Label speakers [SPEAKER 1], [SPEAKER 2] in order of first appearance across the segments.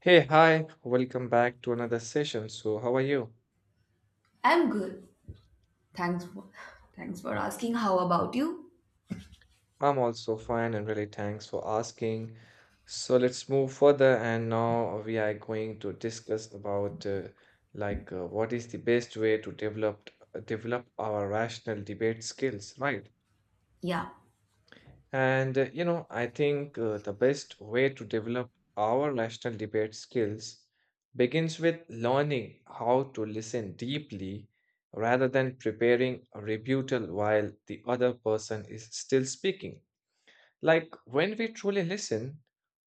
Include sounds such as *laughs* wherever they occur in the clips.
[SPEAKER 1] Hey, hi, welcome back to another session. So, how are you?
[SPEAKER 2] I'm good. Thanks for *laughs* thanks for asking. How about you?
[SPEAKER 1] I'm also fine and really thanks for asking. So, let's move further and now we are going to discuss about what is the best way to develop our rational debate skills, right?
[SPEAKER 2] Yeah,
[SPEAKER 1] I think the best way to develop our national debate skills begins with learning how to listen deeply rather than preparing a rebuttal while the other person is still speaking. Like when we truly listen,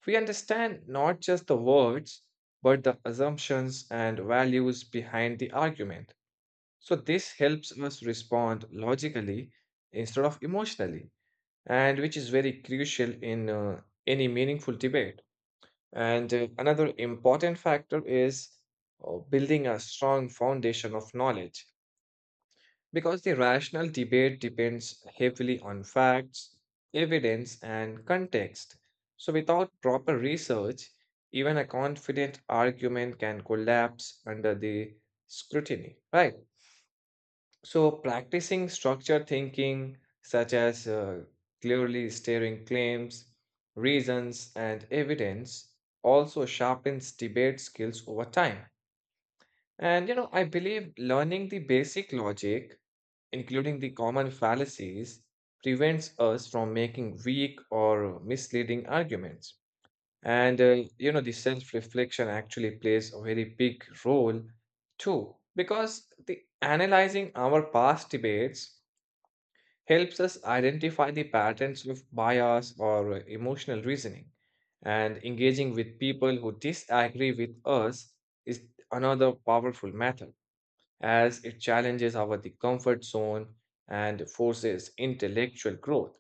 [SPEAKER 1] we understand not just the words, but the assumptions and values behind the argument. So this helps us respond logically instead of emotionally and which is very crucial in any meaningful debate. And Another important factor is building a strong foundation of knowledge because the rational debate depends heavily on facts, evidence, and context. So, without proper research, even a confident argument can collapse under the scrutiny, right? So, practicing structured thinking, such as clearly stating claims, reasons, and evidence, also sharpens debate skills over time. I believe learning the basic logic, including the common fallacies, prevents us from making weak or misleading arguments. The self reflection actually plays a very big role too, because the analyzing our past debates helps us identify the patterns of bias or emotional reasoning. And engaging with people who disagree with us is another powerful method, as it challenges our the comfort zone and forces intellectual growth.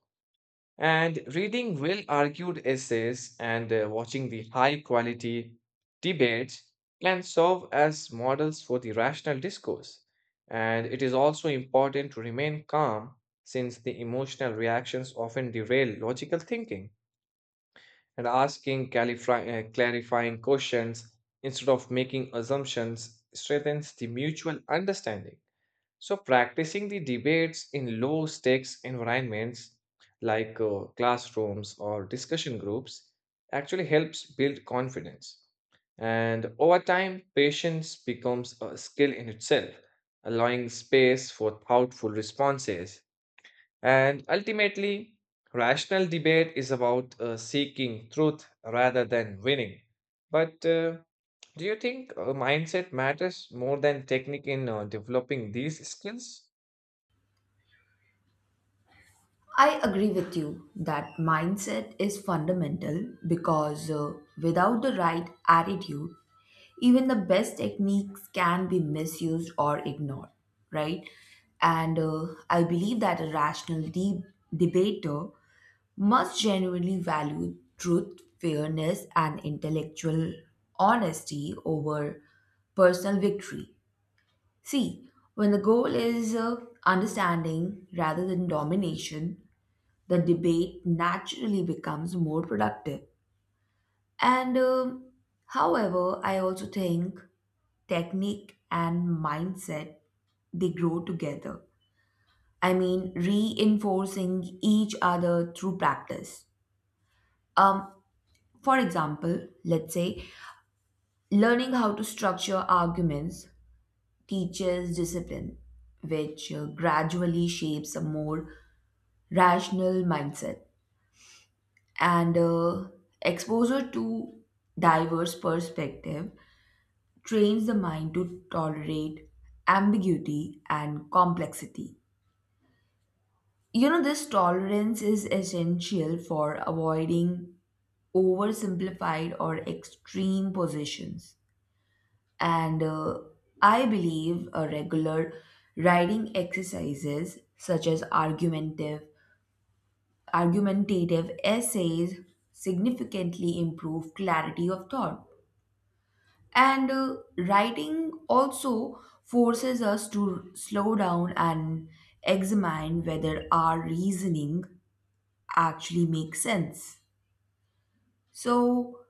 [SPEAKER 1] And reading well argued essays and watching the high quality debates can serve as models for the rational discourse. And it is also important to remain calm since the emotional reactions often derail logical thinking. And asking clarifying questions instead of making assumptions strengthens the mutual understanding. So, practicing the debates in low stakes environments like classrooms or discussion groups actually helps build confidence. And over time, patience becomes a skill in itself, allowing space for thoughtful responses. And ultimately, rational debate is about seeking truth rather than winning. But Do you think mindset matters more than technique in developing these skills?
[SPEAKER 2] I agree with you that mindset is fundamental because without the right attitude, even the best techniques can be misused or ignored, right? And I believe that a debater must genuinely value truth, fairness, and intellectual honesty over personal victory. See, when the goal is understanding rather than domination, the debate naturally becomes more productive. And however, I also think technique and mindset they grow together. I mean, reinforcing each other through practice. Um, for example, let's say learning how to structure arguments teaches discipline, which gradually shapes a more rational mindset, and exposure to diverse perspective trains the mind to tolerate ambiguity and complexity. You know, this tolerance is essential for avoiding oversimplified or extreme positions. And I believe a regular writing exercises such as argumentative essays significantly improve clarity of thought. And writing also forces us to slow down and examine whether our reasoning actually makes sense. So,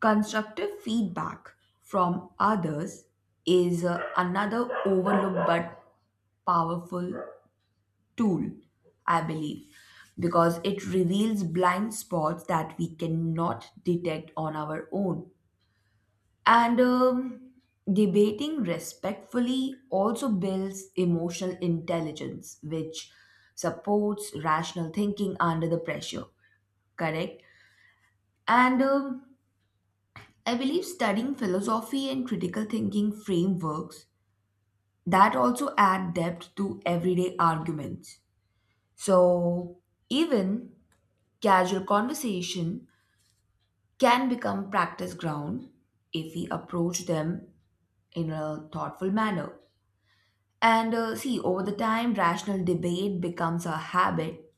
[SPEAKER 2] constructive feedback from others is another overlooked but powerful tool, I believe, because it reveals blind spots that we cannot detect on our own. And debating respectfully also builds emotional intelligence, which supports rational thinking under the pressure, correct? And I believe studying philosophy and critical thinking frameworks that also add depth to everyday arguments. So, even casual conversation can become practice ground if we approach them in a thoughtful manner. And see, over the time, rational debate becomes a habit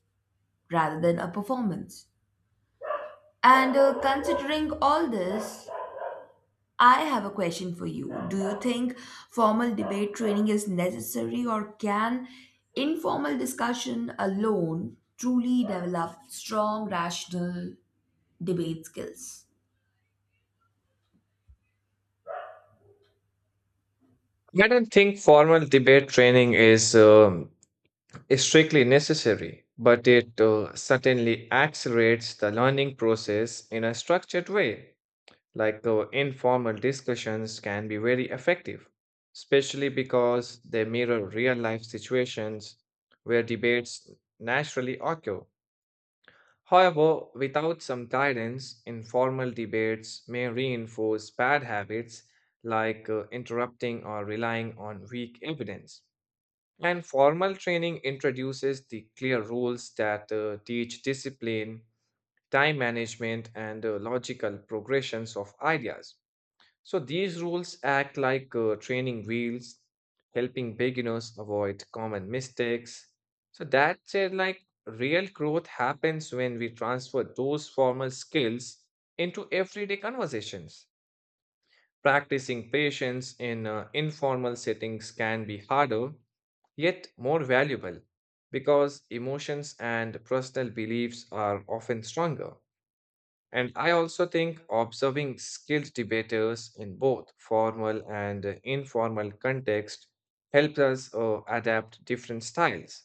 [SPEAKER 2] rather than a performance. And considering all this, I have a question for you. Do you think formal debate training is necessary, or can informal discussion alone truly develop strong rational debate skills?
[SPEAKER 1] I don't think formal debate training is, strictly necessary, but it certainly accelerates the learning process in a structured way. Like informal discussions can be very effective, especially because they mirror real life situations where debates naturally occur. However, without some guidance, informal debates may reinforce bad habits like interrupting or relying on weak evidence. And formal training introduces the clear rules that teach discipline, time management, and logical progressions of ideas. So these rules act like training wheels, helping beginners avoid common mistakes. So that said, like real growth happens when we transfer those formal skills into everyday conversations. Practicing patience in informal settings can be harder yet more valuable because emotions and personal beliefs are often stronger. And I also think observing skilled debaters in both formal and informal context helps us adapt different styles.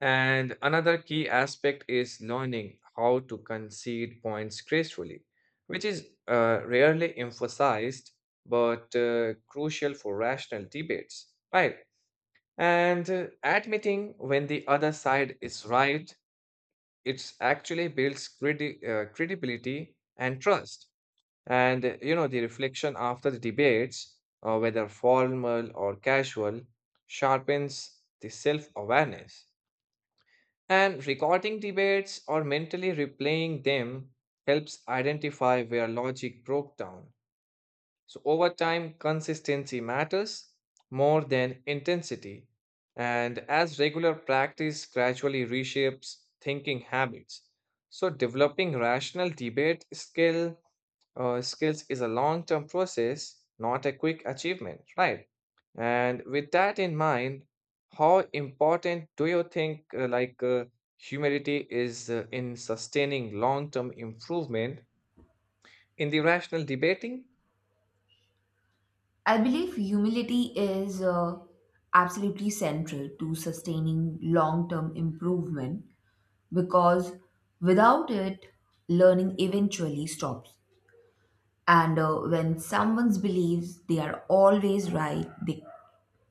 [SPEAKER 1] And another key aspect is learning how to concede points gracefully, which is rarely emphasized but crucial for rational debates, right? And Admitting when the other side is right, it actually builds credibility and trust. The reflection after the debates, whether formal or casual, sharpens the self awareness. And recording debates or mentally replaying them helps identify where logic broke down so over time, consistency matters more than intensity. And as regular practice gradually reshapes thinking habits, so developing rational debate skill skills is a long-term process, not a quick achievement, right? And with that in mind, how important do you think humility is in sustaining long-term improvement in the rational debating?
[SPEAKER 2] I believe humility is absolutely central to sustaining long term improvement because without it, learning eventually stops. And when someone believes they are always right,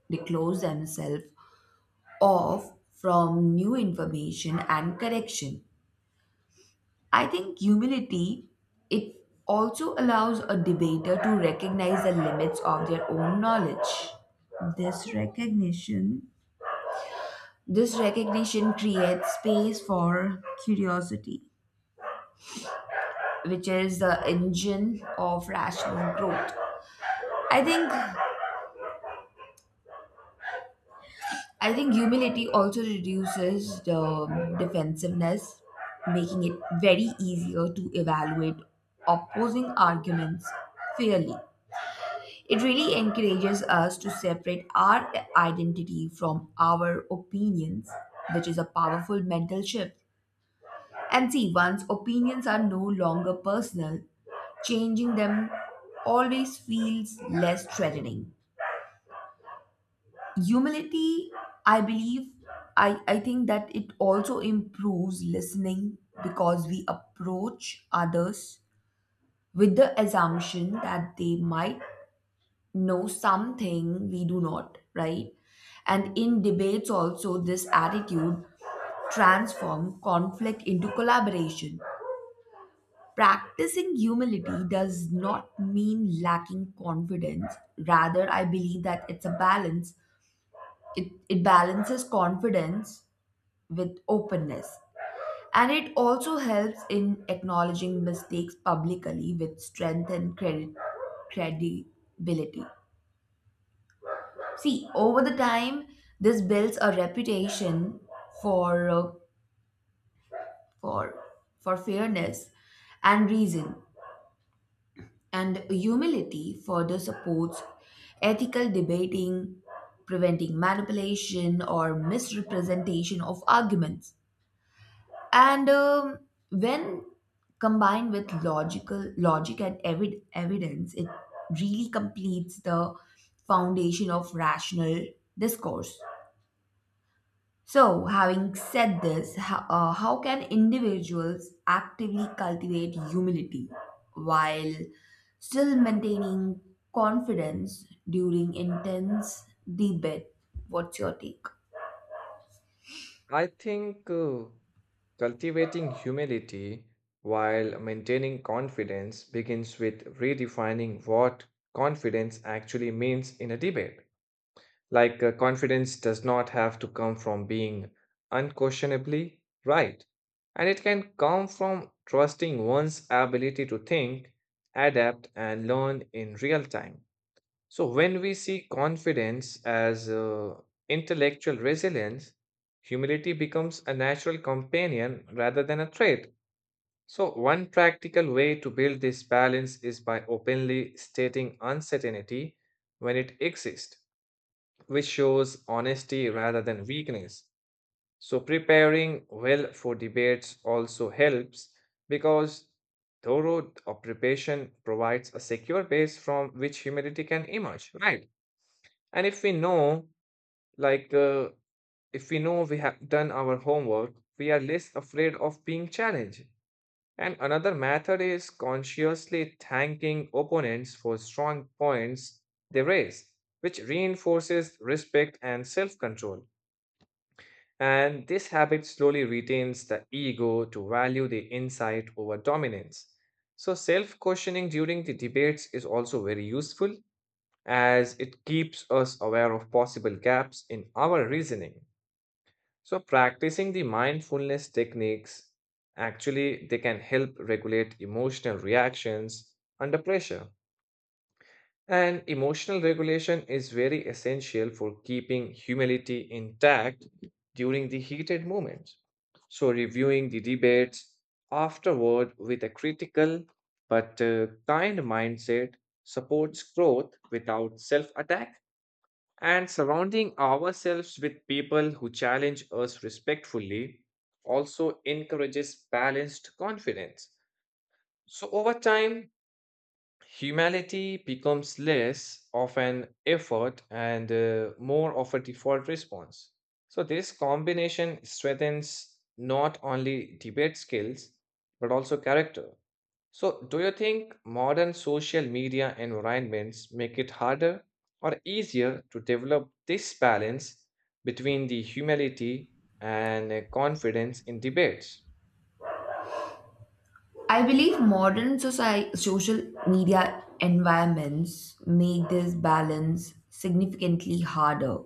[SPEAKER 2] they close themselves off from new information and correction. I think humility it also allows a debater to recognize the limits of their own knowledge. This recognition this recognition creates space for curiosity, which is the engine of rational growth. I think I think humility also reduces the defensiveness, making it very easier to evaluate opposing arguments fairly. It really encourages us to separate our identity from our opinions, which is a powerful mental shift. And see, once opinions are no longer personal, changing them always feels less threatening. Humility, I believe, I think that it also improves listening because we approach others with the assumption that they might know something we do not, right? And in debates, also, this attitude transform conflict into collaboration. Practicing humility does not mean lacking confidence. Rather, I believe that it's a balance. It balances confidence with openness. And it also helps in acknowledging mistakes publicly, which strengthen credibility. See, over the time, this builds a reputation for for for fairness and reason, and humility further supports ethical debating, preventing manipulation or misrepresentation of arguments. And when combined with logic and evidence, it really completes the foundation of rational discourse. So, having said this, how can individuals actively cultivate humility while still maintaining confidence during intense debate? What's your take?
[SPEAKER 1] I think cultivating humility while maintaining confidence begins with redefining what confidence actually means in a debate. Like, confidence does not have to come from being unquestionably right, and it can come from trusting one's ability to think, adapt, and learn in real time. So, when we see confidence as intellectual resilience, humility becomes a natural companion rather than a trait. So, one practical way to build this balance is by openly stating uncertainty when it exists, which shows honesty rather than weakness. So, preparing well for debates also helps because thorough preparation provides a secure base from which humility can emerge, right? And like, uh, if we know we have done our homework, we are less afraid of being challenged. And another method is consciously thanking opponents for strong points they raise, which reinforces respect and self control. And this habit slowly retains the ego to value the insight over dominance. So, self questioning during the debates is also very useful as it keeps us aware of possible gaps in our reasoning. So practicing the mindfulness techniques actually they can help regulate emotional reactions under pressure. And emotional regulation is very essential for keeping humility intact during the heated moments. So reviewing the debates afterward with a critical but kind mindset supports growth without self-attack. And surrounding ourselves with people who challenge us respectfully also encourages balanced confidence. So, over time, Humanity becomes less of an effort and more of a default response. So, this combination strengthens not only debate skills but also character. So, do you think modern social media environments make it harder or easier to develop this balance between the humility and confidence in debates?
[SPEAKER 2] I believe modern social media environments make this balance significantly harder,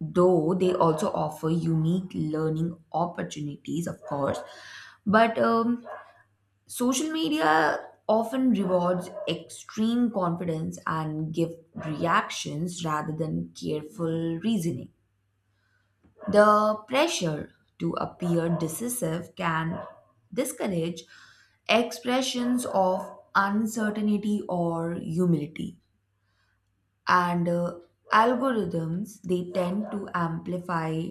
[SPEAKER 2] though they also offer unique learning opportunities, of course. But Social media often rewards extreme confidence and give reactions rather than careful reasoning. The pressure to appear decisive can discourage expressions of uncertainty or humility, and algorithms they tend to amplify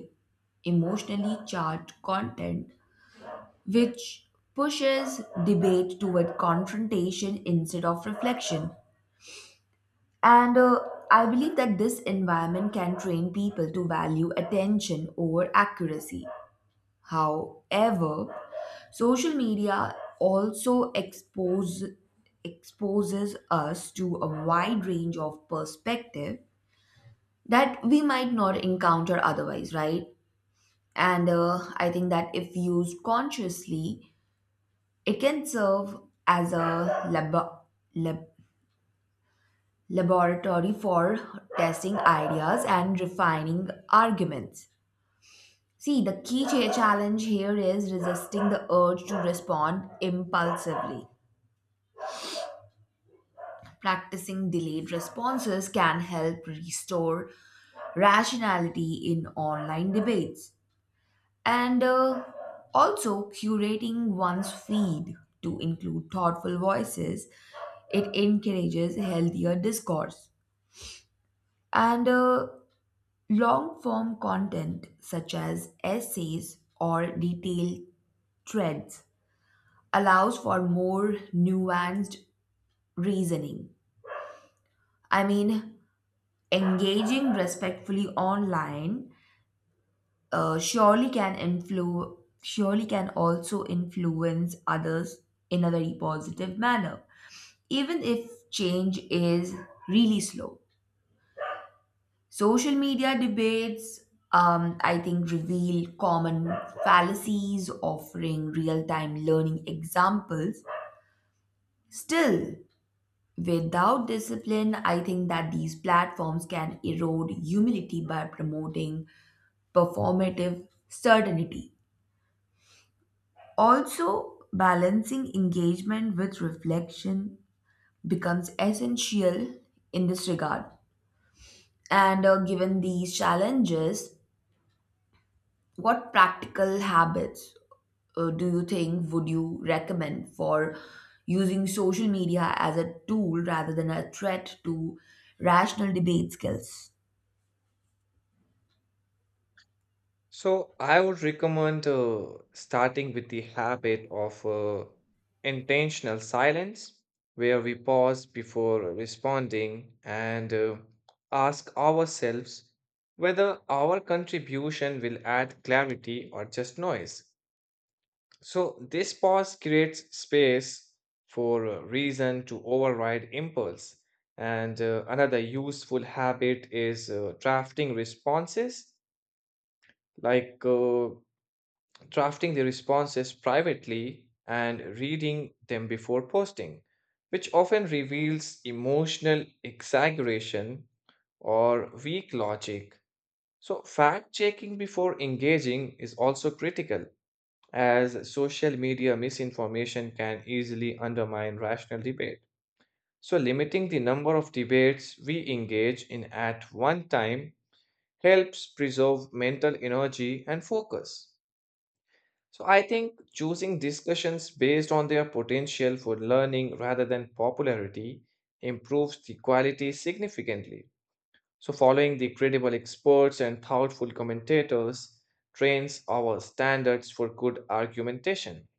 [SPEAKER 2] emotionally charged content which pushes debate toward confrontation instead of reflection. And I believe that this environment can train people to value attention over accuracy. However, social media also exposes us to a wide range of perspective that we might not encounter otherwise, right? And I think that if used consciously, it can serve as a lab- laboratory for testing ideas and refining arguments. See, the key challenge here is resisting the urge to respond impulsively. Practicing delayed responses can help restore rationality in online debates. And also, curating one's feed to include thoughtful voices, it encourages healthier discourse, and long form content such as essays or detailed threads allows for more nuanced reasoning. I mean, engaging respectfully online uh, surely can influ- surely can also influence others in a very positive manner, even if change is really slow. Social media debates, I think, reveal common fallacies, offering real-time learning examples. Still, without discipline, I think that these platforms can erode humility by promoting performative certainty. Also, balancing engagement with reflection becomes essential in this regard. And given these challenges, what practical habits do you think would you recommend for using social media as a tool rather than a threat to rational debate skills?
[SPEAKER 1] So I would recommend starting with the habit of intentional silence, where we pause before responding and ask ourselves whether our contribution will add clarity or just noise. So this pause creates space for reason to override impulse. And Another useful habit is like uh, drafting the responses privately and reading them before posting, which often reveals emotional exaggeration or weak logic. So, fact checking before engaging is also critical, as social media misinformation can easily undermine rational debate. So, limiting the number of debates we engage in at one time helps preserve mental energy and focus. So I think choosing discussions based on their potential for learning rather than popularity improves the quality significantly. So following the credible experts and thoughtful commentators trains our standards for good argumentation.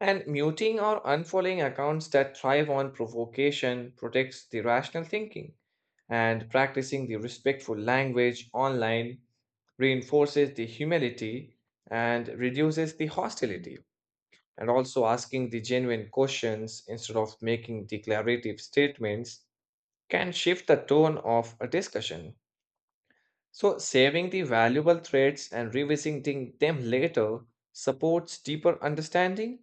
[SPEAKER 1] And muting or unfollowing accounts that thrive on provocation protects the rational thinking. And practicing the respectful language online reinforces the humility and reduces the hostility and also asking the genuine questions instead of making declarative statements can shift the tone of a discussion. So, saving the valuable threads and revisiting them later supports deeper understanding,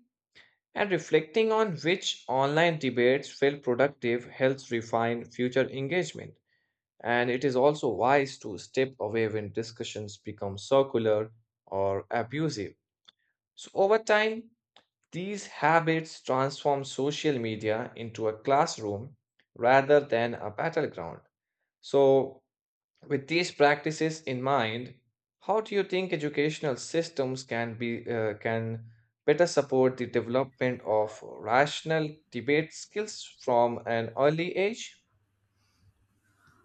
[SPEAKER 1] and reflecting on which online debates felt productive helps refine future engagement. And it is also wise to step away when discussions become circular or abusive. So, over time, these habits transform social media into a classroom rather than a battleground. So, with these practices in mind, how do you think educational systems can be can better support the development of rational debate skills from an early age?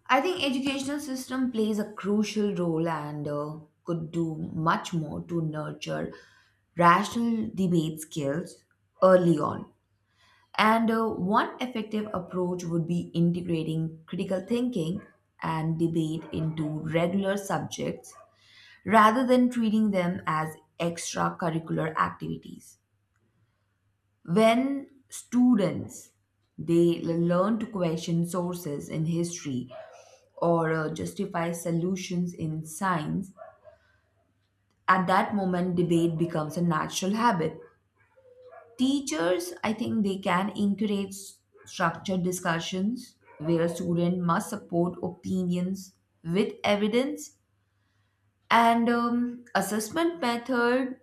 [SPEAKER 2] I think educational system plays a crucial role and could do much more to nurture rational debate skills early on. And one effective approach would be integrating critical thinking and debate into regular subjects rather than treating them as extracurricular activities. When students they learn to question sources in history or justify solutions in science, at that moment, debate becomes a natural habit. Teachers, I think, they can encourage structured discussions where a student must support opinions with evidence, and assessment method,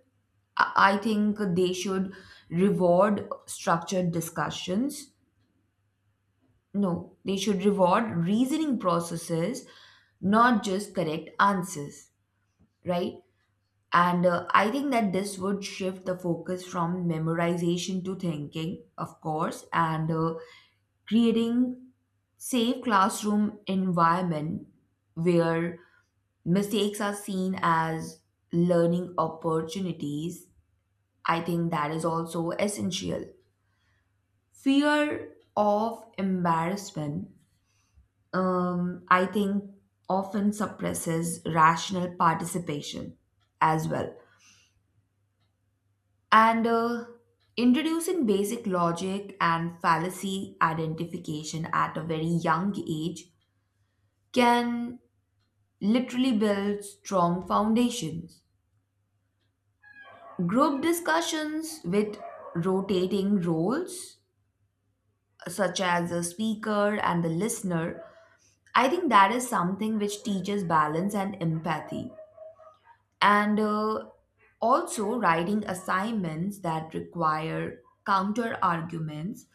[SPEAKER 2] I think they should reward structured discussions. No, they should reward reasoning processes, not just correct answers, right? And I think that this would shift the focus from memorization to thinking, of course, and creating safe classroom environment where mistakes are seen as learning opportunities. I think that is also essential. Fear of embarrassment, I think, often suppresses rational participation as well, and introducing basic logic and fallacy identification at a very young age can literally build strong foundations. Group discussions with rotating roles, such as the speaker and the listener, I think that is something which teaches balance and empathy. And also, writing assignments that require counter arguments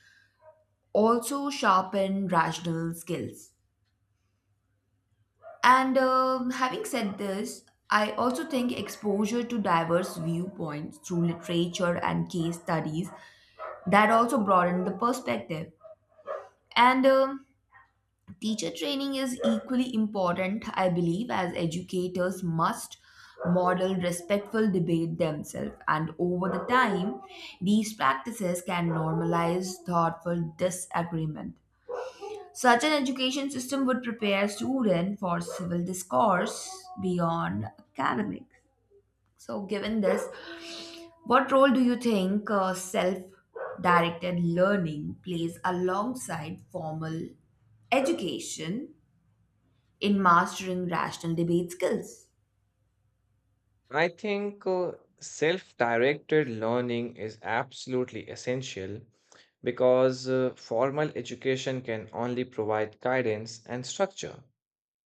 [SPEAKER 2] also sharpen rational skills. And having said this, I also think exposure to diverse viewpoints through literature and case studies that also broaden the perspective. And teacher training is equally important, I believe, as educators must model respectful debate themselves. And over the time, these practices can normalize thoughtful disagreement. Such an education system would prepare students for civil discourse beyond academics. So, given this, what role do you think self directed learning plays alongside formal education in mastering rational debate skills?
[SPEAKER 1] I think self directed learning is absolutely essential because formal education can only provide guidance and structure.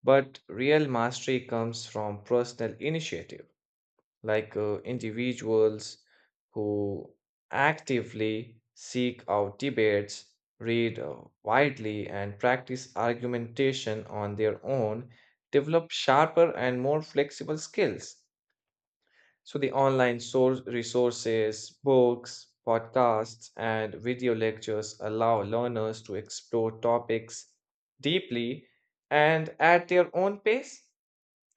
[SPEAKER 1] But real mastery comes from personal initiative, like individuals who actively seek out debates, read widely, and practice argumentation on their own, develop sharper and more flexible skills. So the online source resources, books, podcasts, and video lectures allow learners to explore topics deeply and at their own pace.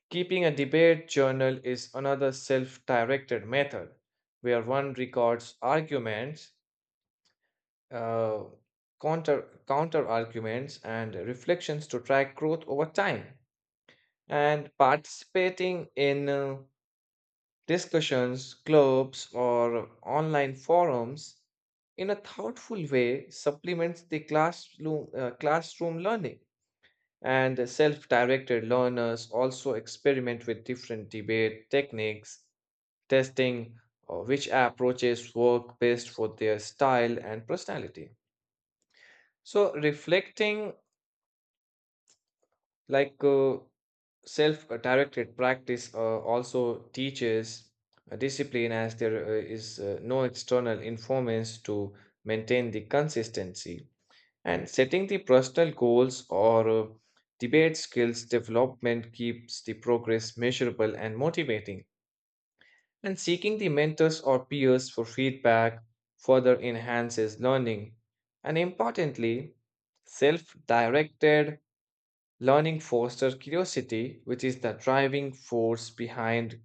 [SPEAKER 1] Keeping a debate journal is another self-directed method where one records arguments, uh, counter arguments, and reflections to track growth over time. And participating in discussions, clubs, or online forums in a thoughtful way supplements the classroom learning. And self directed learners also experiment with different debate techniques, testing which approaches work best for their style and personality. So, reflecting like uh, self directed practice also teaches a discipline as there is no external influence to maintain the consistency and setting the personal goals or debate skills development keeps the progress measurable and motivating and seeking the mentors or peers for feedback further enhances learning and importantly self directed Learning fosters curiosity, which is the driving force behind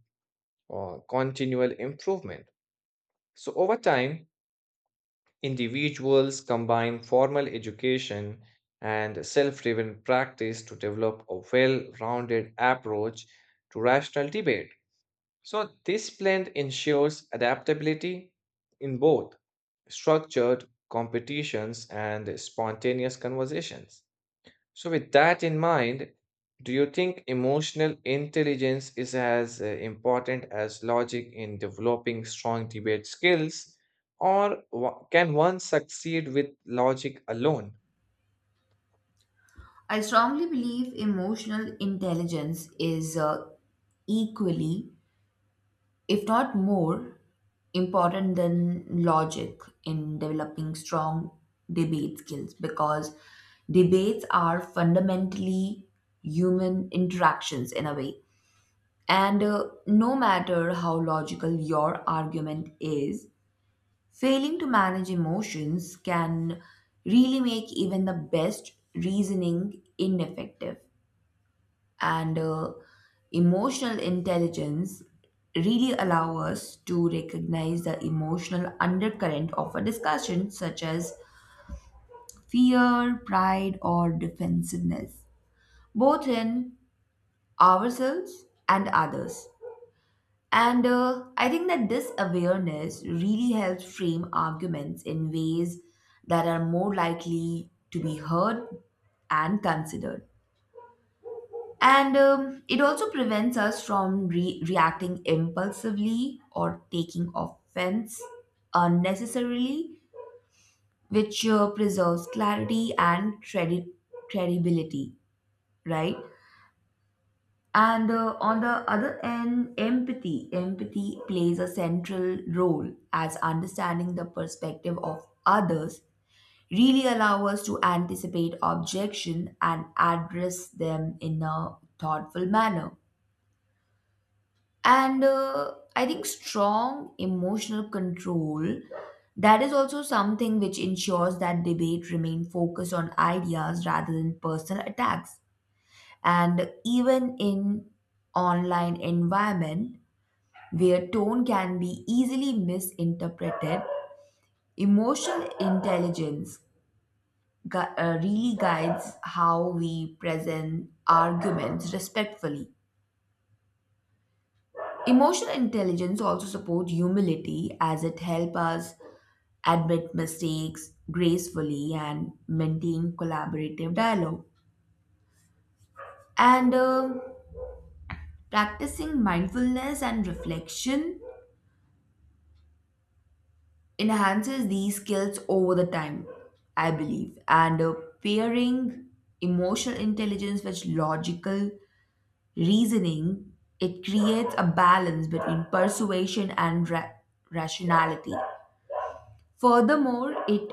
[SPEAKER 1] continual improvement. So, over time, individuals combine formal education and self driven practice to develop a well rounded approach to rational debate. So, this blend ensures adaptability in both structured competitions and spontaneous conversations. So, with that in mind, do you think emotional intelligence is as important as logic in developing strong debate skills, or can one succeed with logic alone?
[SPEAKER 2] I strongly believe emotional intelligence is equally, if not more important than logic in developing strong debate skills, because debates are fundamentally human interactions in a way, and no matter how logical your argument is, failing to manage emotions can really make even the best reasoning ineffective. And emotional intelligence really allow us to recognize the emotional undercurrent of a discussion, such as fear, pride, or defensiveness, both in ourselves and others. And I think that this awareness really helps frame arguments in ways that are more likely to be heard and considered. And it also prevents us from reacting impulsively or taking offense unnecessarily, which preserves clarity and credit credibility, right? And on the other end, empathy. Empathy plays a central role, as understanding the perspective of others really allow us to anticipate objection and address them in a thoughtful manner. And I think strong emotional control, that is also something which ensures that debate remain focused on ideas rather than personal attacks. And even in online environment, where tone can be easily misinterpreted, emotional intelligence really guides how we present arguments respectfully. Emotional intelligence also supports humility, as it helps us admit mistakes gracefully and maintain collaborative dialogue. And practicing mindfulness and reflection enhances these skills over the time, I believe. And pairing emotional intelligence with logical reasoning, it creates a balance between persuasion and rationality. Furthermore,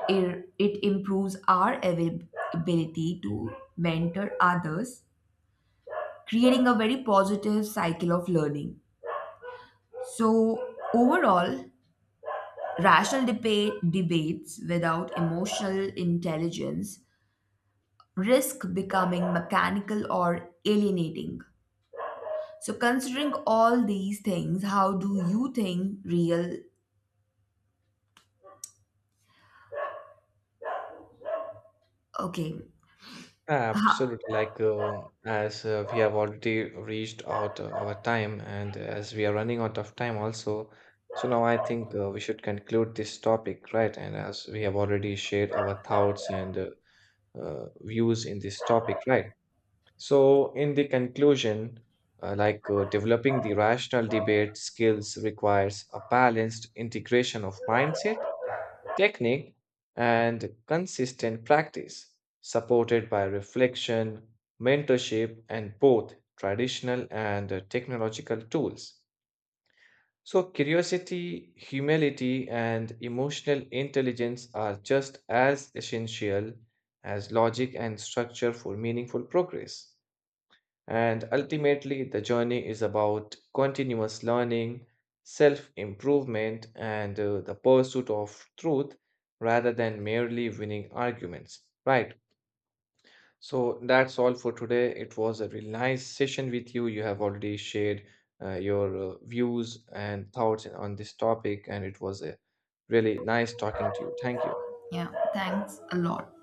[SPEAKER 2] it improves our ability to mentor others, creating a very positive cycle of learning. So, overall, rational debate debates without emotional intelligence risk becoming mechanical or alienating. So, considering all these things, how do you think real? Okay. Ha-
[SPEAKER 1] Absolutely. Like, as we have already reached out our time, and as we are running out of time also, so now I think we should conclude this topic, right? And as we have already shared our thoughts and views in this topic, right? So, in the conclusion, developing the rational debate skills requires a balanced integration of mindset, technique, and consistent practice, supported by reflection, mentorship, and both traditional and technological tools. So, curiosity, humility, and emotional intelligence are just as essential as logic and structure for meaningful progress. And ultimately, the journey is about continuous learning, self improvement, and the pursuit of truth rather than merely winning arguments. Right. So that's all for today. It was a really nice session with you. You have already shared your views and thoughts on this topic, and it was a really nice talking to you. Thank you.
[SPEAKER 2] yeah, thanks a lot.